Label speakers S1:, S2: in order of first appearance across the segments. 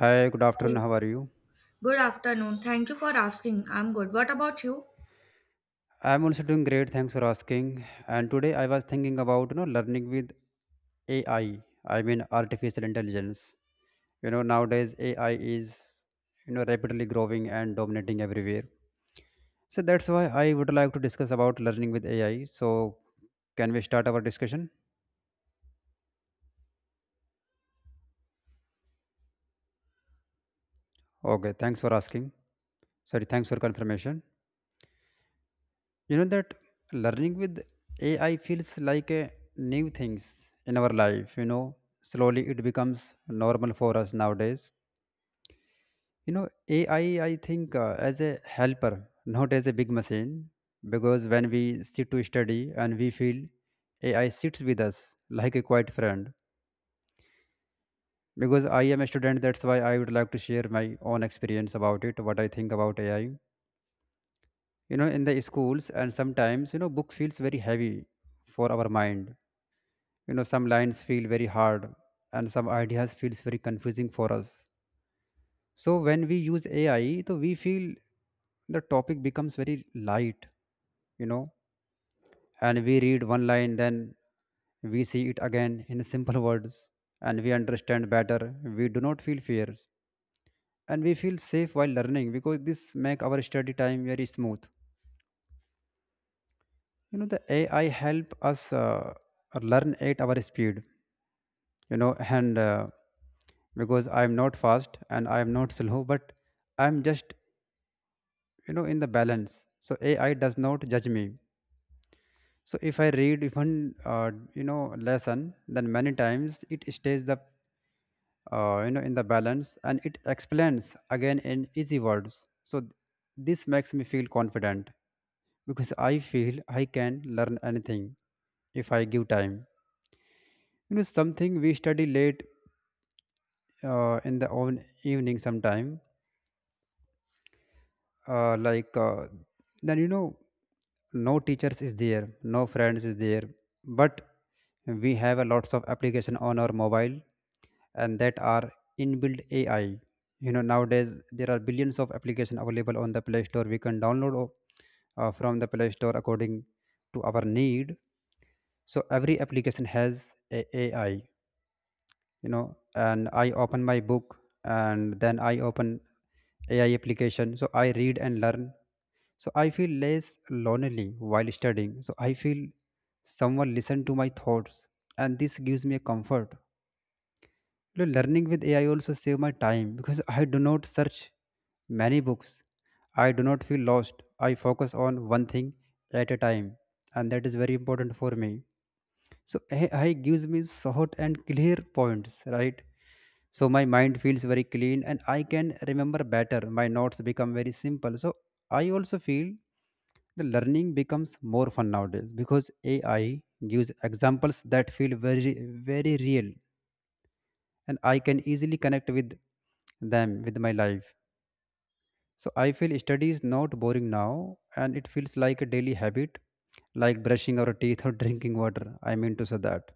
S1: Hi, good afternoon.
S2: Hi.
S1: How are you?
S2: Good afternoon. Thank you for asking. I'm good. What about you?
S1: I'm also doing great. Thanks for asking. And today I was thinking about learning with AI. I mean artificial intelligence. You know nowadays AI is rapidly growing and dominating everywhere. So that's why I would like to discuss about learning with AI. So can we start our discussion? Okay. Thanks for asking. Sorry. Thanks for confirmation. You know that learning with AI feels like a new things in our life, you know. Slowly it becomes normal for us nowadays. You know, AI, I think, as a helper, not as a big machine, because when we sit to study and we feel AI sits with us like a quiet friend. Because I am a student, that's why I would like to share my own experience about it, what I think about AI. You know, in the schools, and sometimes, you know, book feels very heavy for our mind. You know, some lines feel very hard and some ideas feels very confusing for us. So when we use AI, so we feel the topic becomes very light, you know. And we read one line, then we see it again in simple words and we understand better. We do not feel fears and we feel safe while learning, because this make our study time very smooth. You know, the AI help us learn at our speed, you know. And because I'm not fast and I'm not slow, but I'm just, you know, in the balance. So AI does not judge me. So if I read even you know lesson, then many times it stays the, you know, in the balance, and it explains again in easy words. So this makes me feel confident, because I feel I can learn anything if I give time. You know, something we study late, in the own evening sometime, uh, like uh, then you know, no teachers is there, no friends is there, but we have a lots of application on our mobile, and that are inbuilt AI. You know, nowadays there are billions of application available on the play store. We can download from the play store according to our need. So every application has a AI, you know. And I open my book and then I open AI application, so I read and learn. So I feel less lonely while studying. So I feel someone listen to my thoughts, and this gives me a comfort. You know, learning with AI also save my time because I do not search many books. I do not feel lost. I focus on one thing at a time, and that is very important for me. So AI gives me short and clear points, right? So my mind feels very clean and I can remember better. My notes become very simple. So I also feel the learning becomes more fun nowadays, because AI gives examples that feel very very real, and I can easily connect with them with my life. So I feel study is not boring now, and it feels like a daily habit, like brushing our teeth or drinking water, I mean to say that.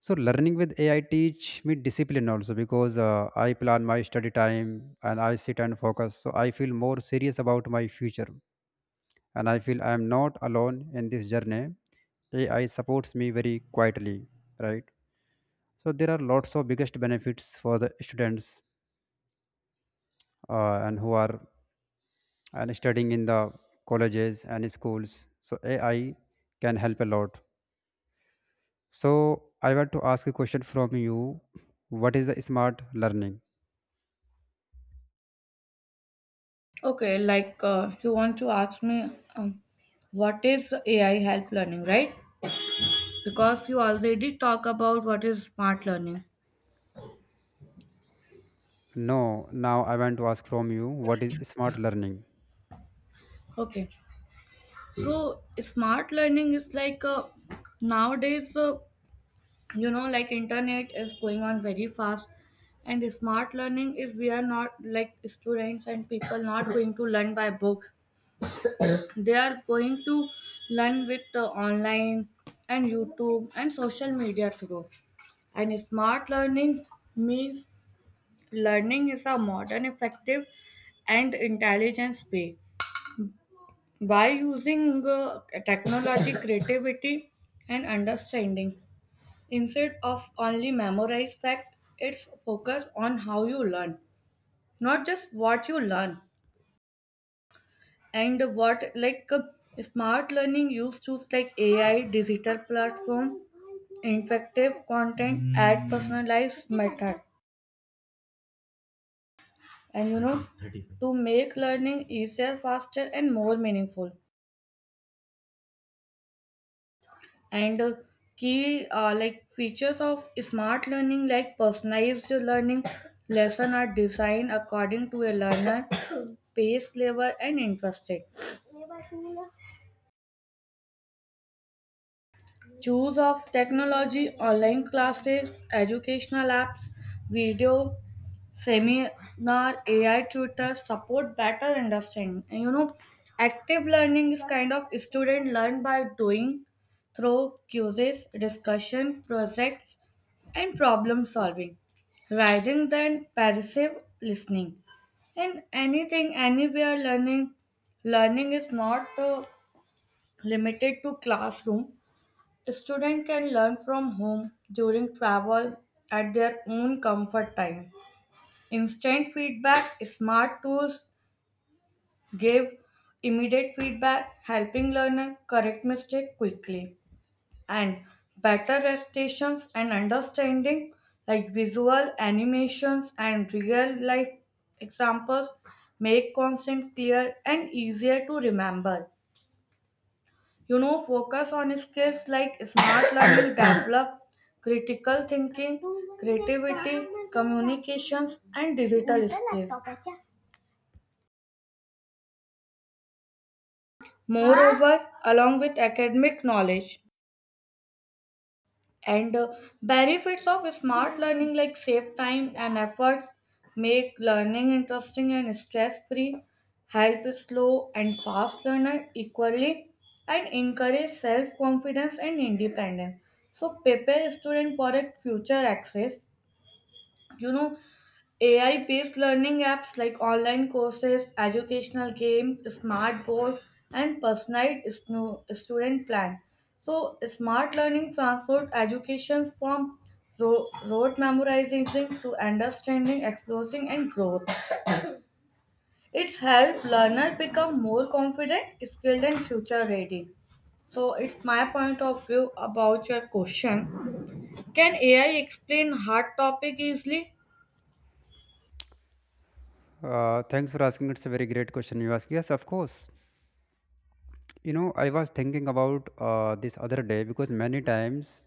S1: So learning with AI teach me discipline also, because I plan my study time and I sit and focus. So I feel more serious about my future, and I feel I am not alone in this journey. AI supports me very quietly, right? So there are lots of biggest benefits for the students, and who are and studying in the colleges and schools. So AI can help a lot. So I want to ask a question from you. What is the smart learning?
S2: Okay, like you want to ask me um, what is AI help learning, right? Because you already talk about what is smart learning.
S1: No, now I want to ask from you, what is smart learning?
S2: Okay. So smart learning is like nowadays you know, like internet is going on very fast, and smart learning is we are not like students and people not going to learn by book, they are going to learn with the online and YouTube and social media through, and smart learning means learning is a modern effective and intelligence way by using technology, creativity and understanding, instead of only memorize fact, it's focus on how you learn, not just what you learn. And what, like smart learning use tools like AI, digital platform, interactive content, add personalized method, and you know, to make learning easier, faster and more meaningful. And key, like features of smart learning, like personalized learning, lesson are designed according to a learner pace, level and interest. Choose of technology, online classes, educational apps, video, seminar, AI tutors support better understanding. And you know, active learning is kind of student learn by doing through quizzes, discussion, projects, and problem solving, rather than passive listening. And anything, anywhere learning, learning is not limited to classroom. Students can learn from home, during travel, at their own comfort time. Instant feedback, smart tools give immediate feedback, helping learner correct mistake quickly. And better recitations and understanding, like visual animations and real life examples make content clear and easier to remember. You know, focus on skills, like smart learning develop critical thinking, creativity, communications and digital skills, moreover, along with academic knowledge. And benefits of smart learning, like save time and effort, make learning interesting and stress free, help slow and fast learner equally, and encourage self confidence and independence, so prepare student for a future access. You know, AI based learning apps, like online courses, educational games, smart board, and personalized student plan. So smart learning transformed education from rote memorization to understanding, exploring, and growth. It's helped learners become more confident, skilled and future ready. So it's my point of view about your question. Can AI explain hard topic easily?
S1: Thanks for asking. It's a very great question you ask. Yes, of course. You know, I was thinking about this other day, because many times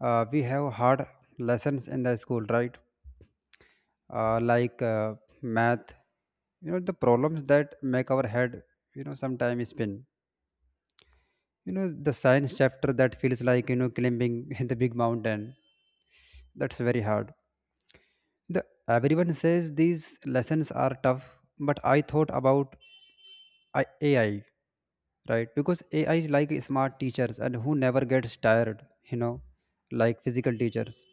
S1: we have hard lessons in the school, right? Uh, like uh, math, you know, the problems that make our head, you know, sometimes spin. You know, the science chapter that feels like, you know, climbing in the big mountain. That's very hard. The everyone says these lessons are tough, but I thought about AI, right? Because AI is like smart teachers and who never gets tired, you know, like physical teachers.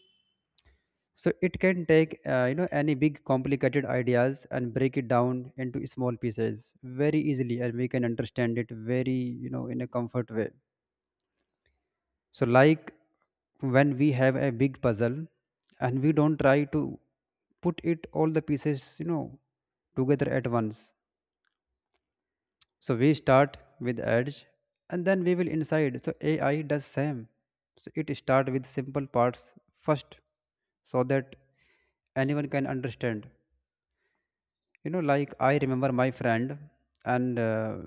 S1: So it can take you know any big complicated ideas and break it down into small pieces very easily, and we can understand it very, you know, in a comfort way. So, like when we have a big puzzle and we don't try to put it all the pieces, you know, together at once. So we start with edge and then we will inside. So AI does same. So it start with simple parts first, so that anyone can understand. You know, like I remember my friend, and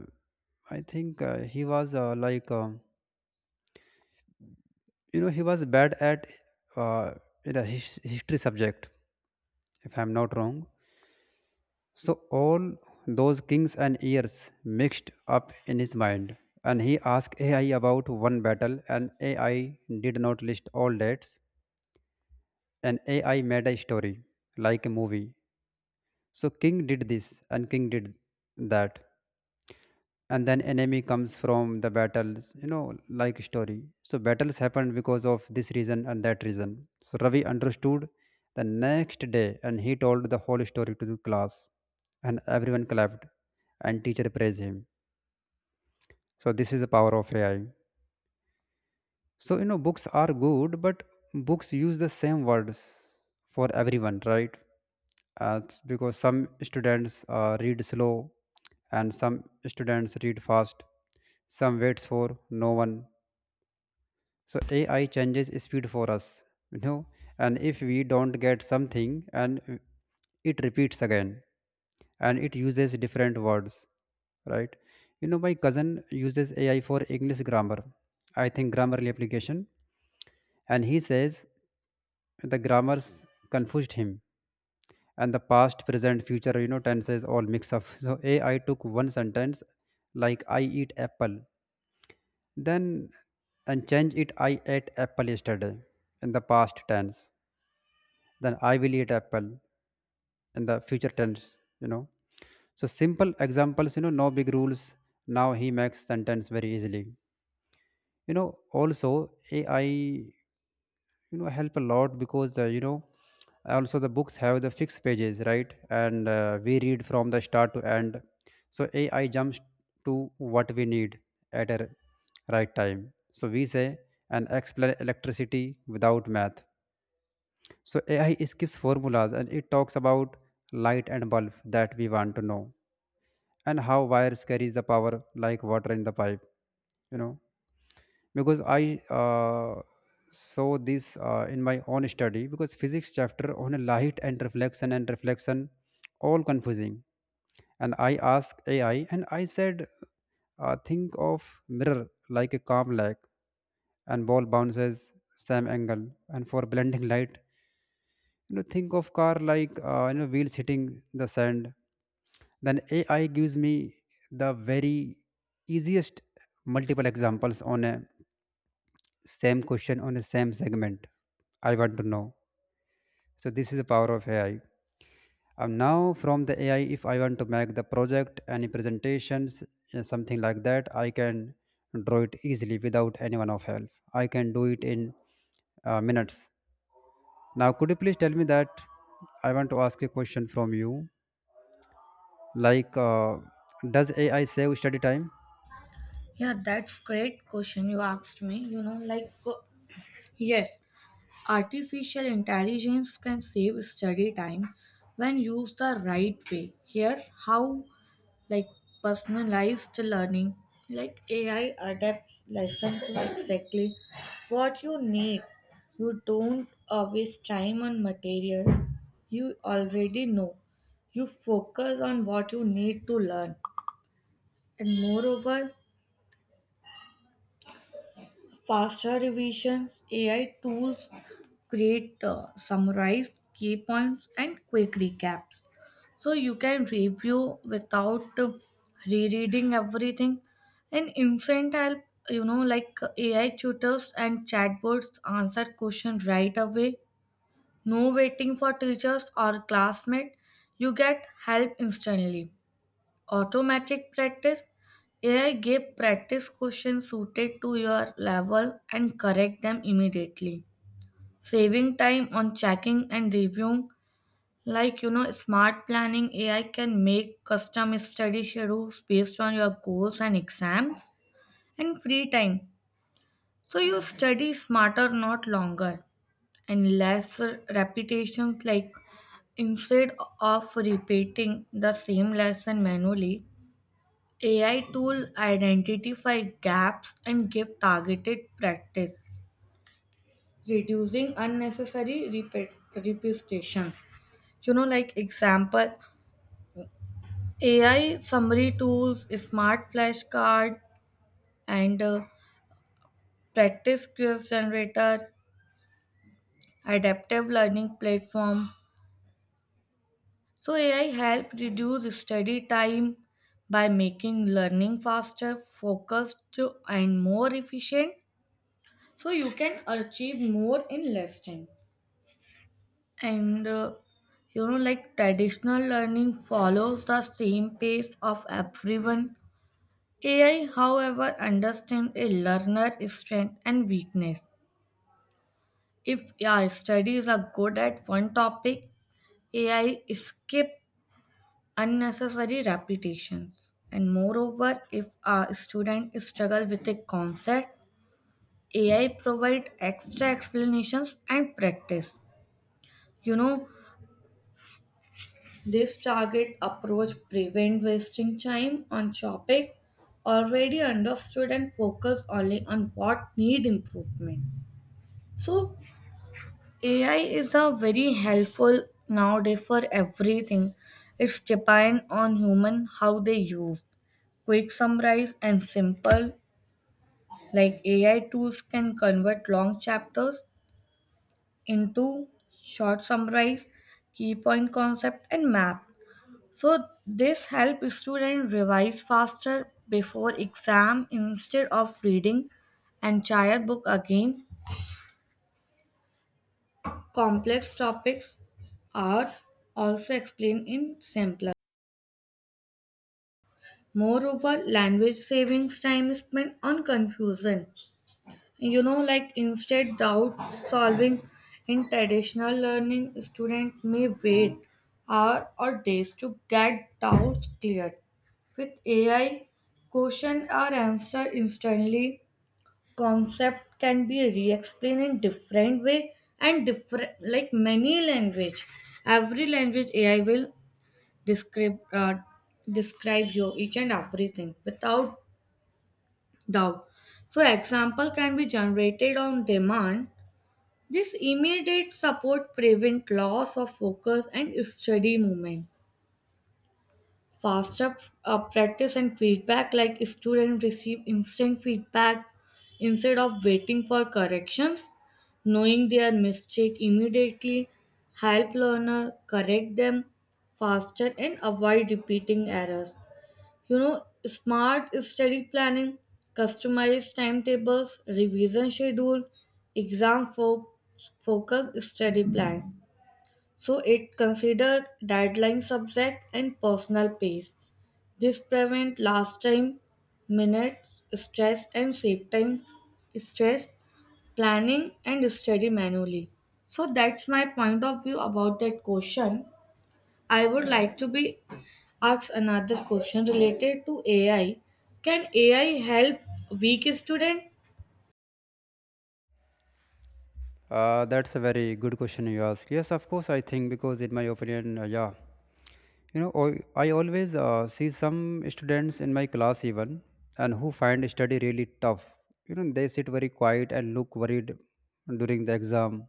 S1: I think he was like, you know, he was bad at, uh, in a history subject if I'm not wrong. So all those kings and years mixed up in his mind, and he asked AI about one battle, and AI did not list all dates, and AI made a story like a movie. So king did this and king did that, and then enemy comes from the battles, you know, like story. So battles happened because of this reason and that reason. So Ravi understood the next day and he told the whole story to the class, and everyone clapped and teacher praised him. So this is the power of AI. So, you know, books are good, but books use the same words for everyone, right? It's because some students read slow and some students read fast. Some waits for no one. So AI changes speed for us, you know. And if we don't get something, and it repeats again, and it uses different words, right? You know, my cousin uses AI for English grammar. I think Grammarly application. And he says the grammars confused him, and the past present future, you know, tenses all mix up. So AI took one sentence like I eat apple, then and change it, I ate apple yesterday, in the past tense. Then I will eat apple in the future tense, you know. So simple examples, you know, no big rules. Now he makes sentence very easily. You know, also AI, you know, help a lot, because you know, also the books have the fixed pages, right? And we read from the start to end. So AI jumps to what we need at a right time. So we say and explain electricity without math. So AI skips formulas and it talks about light and bulb that we want to know, and how wires carries the power like water in the pipe, you know. Because I, saw this in my own study, because physics chapter on light and reflection all confusing, and I asked AI and I said, think of mirror like a calm lake, and ball bounces same angle. And for blending light, you know, think of car like, you know, wheels hitting the sand. Then AI gives me the very easiest multiple examples on a same question on the same segment I want to know. So this is the power of AI. And now from the AI, if I want to make the project, any presentations, something like that, I can draw it easily without anyone of help. I can do it in minutes. Now, could you please tell me that I want to ask a question from you? Like, does AI save study time?
S2: Yeah, that's great question you asked me. You know, like yes, artificial intelligence can save study time when used the right way. Here's how, like personalized learning, like AI adapts lesson to exactly what you need. You don't waste time on material you already know. You focus on what you need to learn. And moreover, faster revisions, AI tools create summarize, key points, and quick recaps. So you can review without rereading everything. And instant help, you know, like AI tutors and chatbots answer questions right away. No waiting for teachers or classmates. You get help instantly. Automatic practice, AI give practice questions suited to your level and correct them immediately, saving time on checking and reviewing. Like, you know, smart planning, AI can make custom study schedules based on your goals and exams and free time, so you study smarter, not longer. And less repetitions, like instead of repeating the same lesson manually, AI tool identify gaps and give targeted practice, reducing unnecessary repetition. You know, like example, AI summary tools, smart flashcard, and practice quiz generator, adaptive learning platform. So AI help reduce study time by making learning faster, focused, and more efficient. So you can achieve more in less time. And you know, like traditional learning follows the same pace of everyone, AI however understands a learner's strength and weakness. If your studies are good at one topic, AI skip unnecessary repetitions, and moreover, if a student struggle with a concept, AI provide extra explanations and practice. You know, this target approach prevents wasting time on topic already understood and focus only on what need improvement. So AI is a very helpful nowadays for everything. It's depend on human how they use. Quick summarize and simple, like AI tools can convert long chapters into short summarize, key point concept and map. So this helps students revise faster before exam instead of reading entire book again. Complex topics are also explained in simpler. Moreover, language savings time spent on confusion. You know, like instead, doubt solving in traditional learning, student may wait hour or days to get doubts cleared. With AI, question are answered instantly, concept can be re-explained in different way, and different, like many language, every language AI will describe, describe you each and everything without doubt. So example can be generated on demand. This immediate support prevent loss of focus and study movement. Faster practice and feedback, like students receive instant feedback instead of waiting for corrections. Knowing their mistake immediately help learner correct them faster and avoid repeating errors. You know, smart study planning, customized timetables, revision schedule, exam focused study plans. So it considered deadline, subject and personal pace. This prevent last time, minute stress and save time, stress, planning and study manually. So that's my point of view about that question. I would like to be ask another question related to AI. Can AI help weak student?
S1: That's a very good question you ask. Yes, of course, I think, because in my opinion, yeah. You know, I always see some students in my class even and who find study really tough. You know, they sit very quiet and look worried during the exam.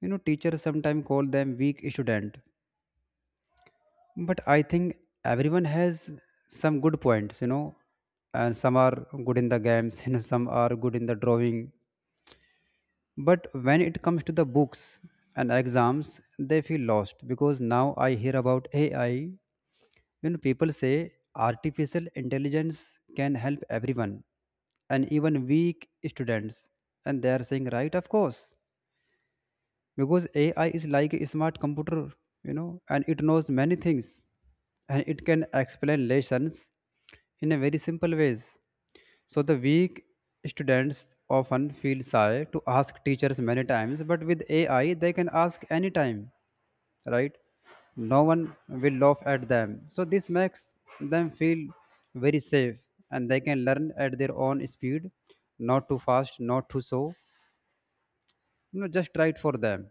S1: You know, teachers sometimes call them weak student. But I think everyone has some good points, you know, and some are good in the games, you know, some are good in the drawing. But when it comes to the books and exams, they feel lost. Because now I hear about AI. When people say artificial intelligence can help everyone and even weak students, and they are saying, right, of course, because AI is like a smart computer, you know, and it knows many things and it can explain lessons in a very simple ways. So the weak students often feel shy to ask teachers many times, but with AI they can ask anytime, right? No one will laugh at them, so this makes them feel very safe, and they can learn at their own speed, not too fast, not too slow, just try it for them.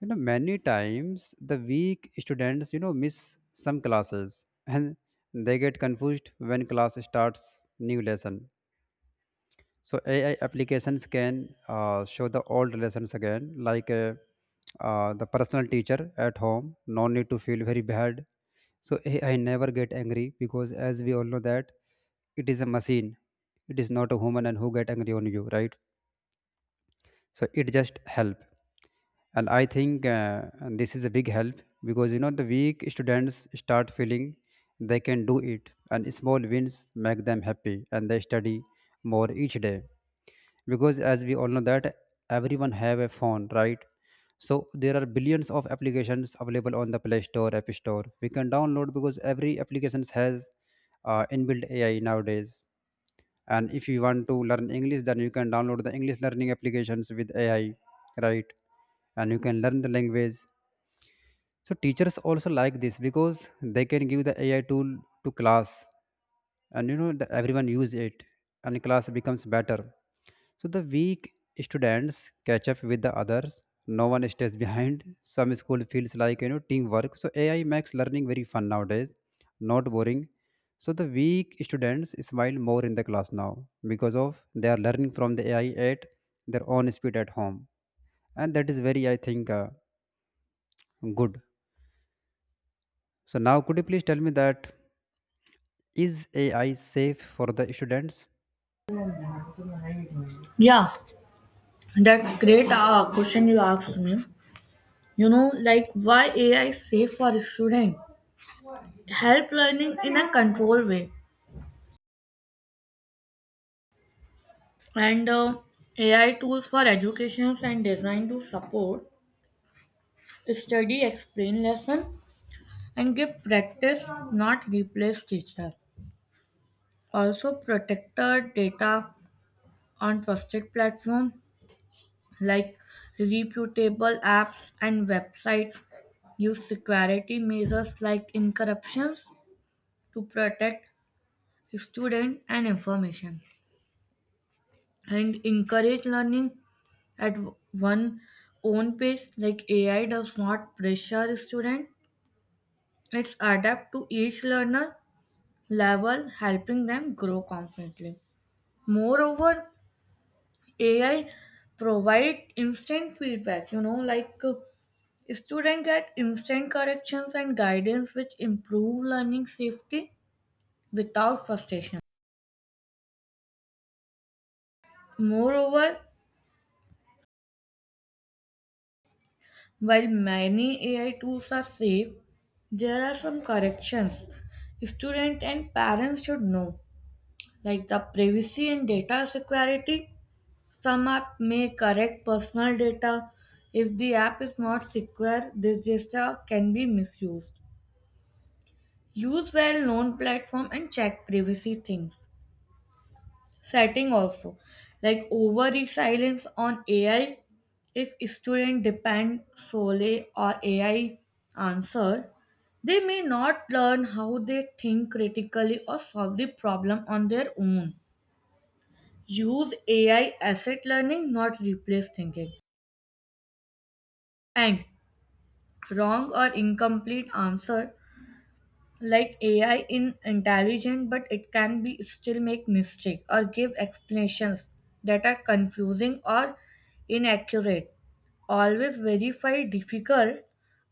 S1: Many times the weak students miss some classes and they get confused when class starts new lesson. So AI applications can show the old relations again, like the personal teacher at home. No need to feel very bad. So AI never get angry because, as we all know, that it is a machine. It is not a human, and who get angry on you, right? So it just help, and I think and this is a big help because the weak students start feeling they can do it, and small wins make them happy, and they study more each day because as we all know that everyone have a phone, right? So there are billions of applications available on the play store, app store, we can download because every applications has inbuilt AI nowadays. And if you want to learn English then you can download the english learning applications with AI, right? And you can learn the language. So teachers also like this because they can give the AI tool to class, and the, everyone use it, and class becomes better. So the weak students catch up with the others. No one stays behind. Some school feels like teamwork. So AI makes learning very fun nowadays, not boring. So the weak students smile more in the class now because of they are learning from the AI at their own speed at home, and that is very I think good. So now, could you please tell me that is AI safe for the students?
S2: Yeah, that's great question you asked me. You know, like why AI is safe for a student? Help learning in a controlled way, and AI tools for education and design to support study, explain lesson and give practice, not replace teacher. Also protected data on trusted platform, like reputable apps and websites use security measures like encryptions to protect student and information, and encourage learning at one own pace. Like AI does not pressure student, it's adapt to each learner level, helping them grow confidently. Moreover, AI provide instant feedback. You know, like students get instant corrections and guidance which improve learning safety without frustration. Moreover, while many AI tools are safe, there are some corrections students and parents should know, like the privacy and data security. Some app may correct personal data. If the app is not secure, this data can be misused. Use well-known platform and check privacy things, setting also. Like over reliance on AI, if students depend solely on AI answer, they may not learn how they think critically or solve the problem on their own. Use AI asset learning, not replace thinking. And wrong or incomplete answer, like AI in intelligent, but it can be still make mistake or give explanations that are confusing or inaccurate. Always verify difficult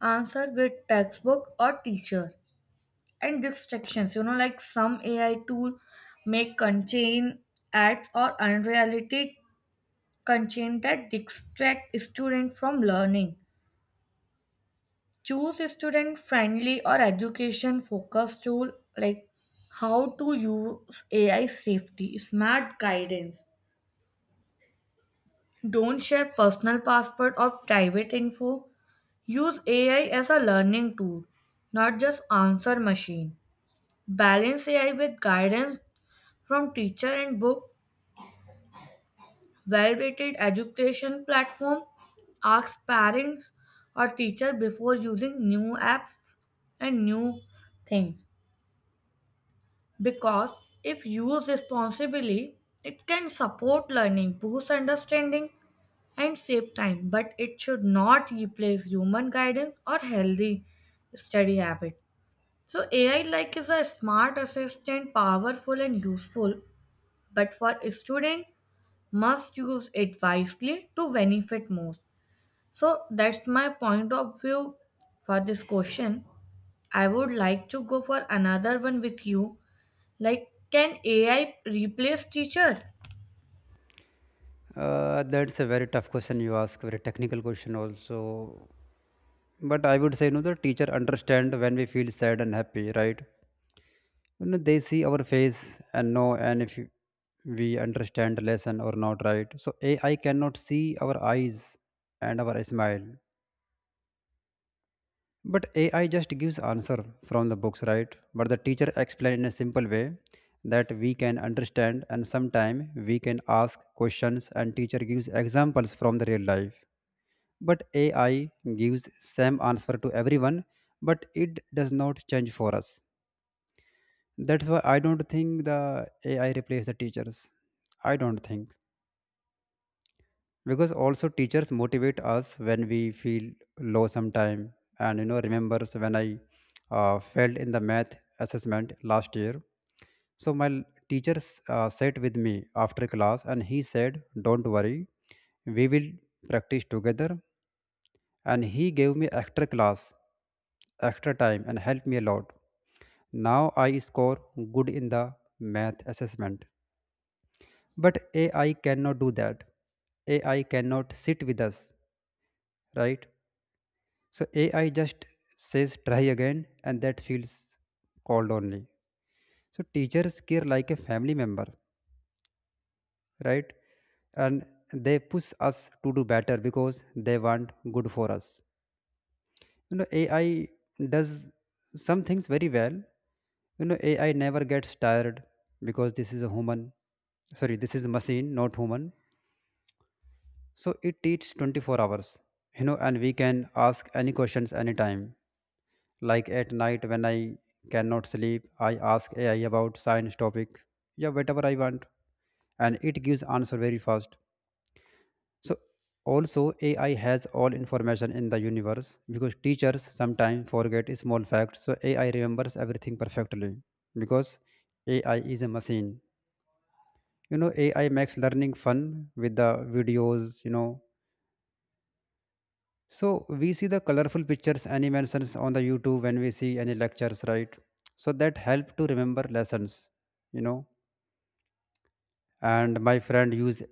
S2: answer with textbook or teacher. And distractions, you know, like some AI tool make contain ads or unrealistic content that distract students from learning. Choose a student friendly or education focused tool. Like, how to use AI safety, smart guidance. Don't share personal password or private info. Use AI as a learning tool, not just answer machine. Balance AI with guidance from teacher and book. Well-rated education platform. Ask parents or teacher before using new apps and new things. Because if used responsibly, it can support learning, boost understanding, and save time, but it should not replace human guidance or healthy study habit. So AI like is a smart assistant, powerful and useful, but for a student, must use it wisely to benefit most. So that's my point of view for this question. I would like to go for another one with you. Like, can AI replace teacher?
S1: That's a very tough question you ask, very technical question also. But I would say, the teacher understand when we feel sad and happy, right? They see our face and know, and if you- we understand lesson or not, right? So AI cannot see our eyes and our smile. But AI just gives answer from the books, right? But the teacher explain in a simple way that we can understand and sometime we can ask questions and teacher gives examples from the real life. But AI gives same answer to everyone, but it does not change for us. That's why I don't think the AI replace the teachers. I don't think. Because also teachers motivate us when we feel low sometime, and remembers when I failed in the math assessment last year. So teacher sat with me after class and he said, don't worry, we will practice together. And he gave me extra class, extra time, and helped me a lot. Now I score good in the math assessment, but AI cannot do that. AI cannot sit with us, right? So AI just says try again and that feels cold only. So teachers care like a family member, right? And they push us to do better because they want good for us. AI does some things very well. AI never gets tired because this is a human. Sorry, this is a machine, not human. So it teaches 24 hours, and we can ask any questions anytime. Like at night when I cannot sleep, I ask AI about science topic, yeah, whatever I want, and it gives answer very fast. So also AI has all information in the universe because teachers sometimes forget small facts. So AI remembers everything perfectly because AI is a machine. AI makes learning fun with the videos, so we see the colorful pictures, animations on the YouTube when we see any lectures, right? So that help to remember lessons. you know. And my friend use,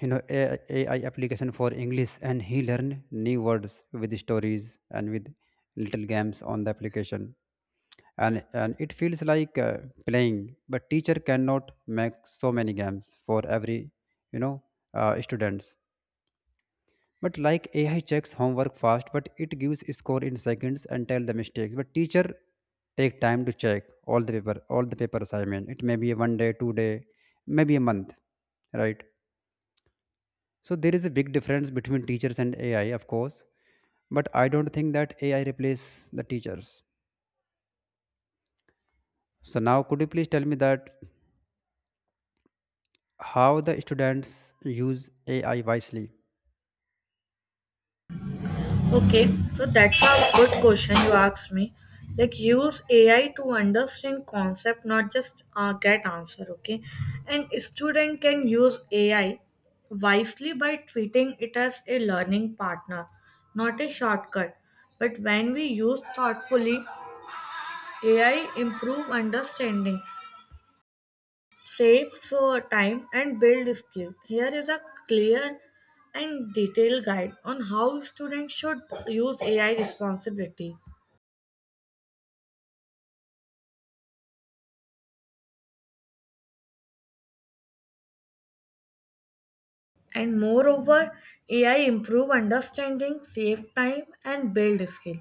S1: AI application for English, and he learned new words with stories and with little games on the application. and it feels like playing, but teacher cannot make so many games for every, you know, students. But like AI checks homework fast, but it gives score in seconds and tell the mistakes. But teacher take time to check all the paper assignment. It may be a one day, two-day, maybe a month, right? So there is a big difference between teachers and AI, of course. But I don't think that AI replace the teachers. So now, could you please tell me that how the students use AI wisely?
S2: Okay, so that's a good question you asked me. Like, use AI to understand concept, not just get answer. Okay, and student can use AI wisely by treating it as a learning partner, not a shortcut. But when we use thoughtfully, AI improve understanding, save for time and build skill. Here is a clear and detailed guide on how students should use AI responsibility. And moreover, AI improve understanding, save time and build skill.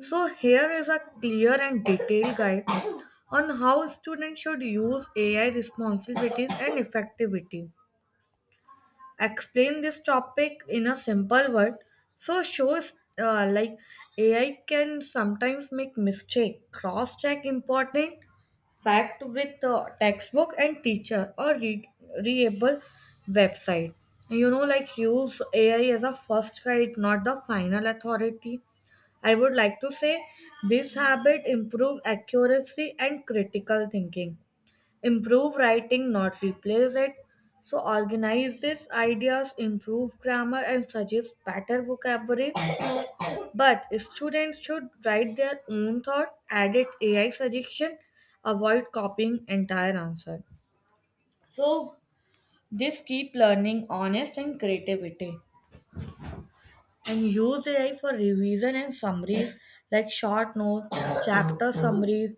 S2: So here is a clear and detailed guide on how students should use AI responsibilities and effectivity. Explain this topic in a simple word, so shows like AI can sometimes make mistake. Cross check important fact with textbook and teacher or read readable website. You know, like use AI as a first guide, not the final authority, I would like to say. This habit improve accuracy and critical thinking. Improve writing, not replace it. So organize these ideas, improve grammar, and suggest better vocabulary. But students should write their own thought, edit AI suggestion, avoid copying entire answer. So this keep learning honest and creativity. And use AI for revision and summaries, like short notes, chapter summaries,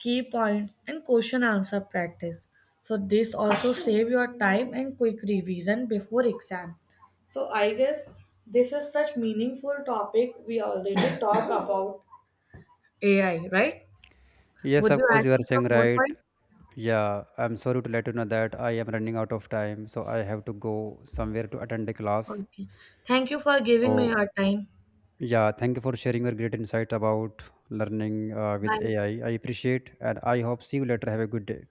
S2: key points, and question answer practice. So this also save your time and quick revision before exam. So I guess this is such meaningful topic we already talked about AI, right?
S1: Yes,
S2: Would
S1: of
S2: you
S1: course,
S2: add
S1: you are
S2: to some
S1: saying
S2: more
S1: right.
S2: point?
S1: Yeah, I'm sorry to let you know that I am running out of time, so I have to go somewhere to attend a class.
S2: Okay. Thank you for giving me
S1: So,
S2: your time.
S1: yeah, thank you for sharing your great insight about learning with
S2: Bye.
S1: AI. I appreciate, and I hope see you later. Have a good day.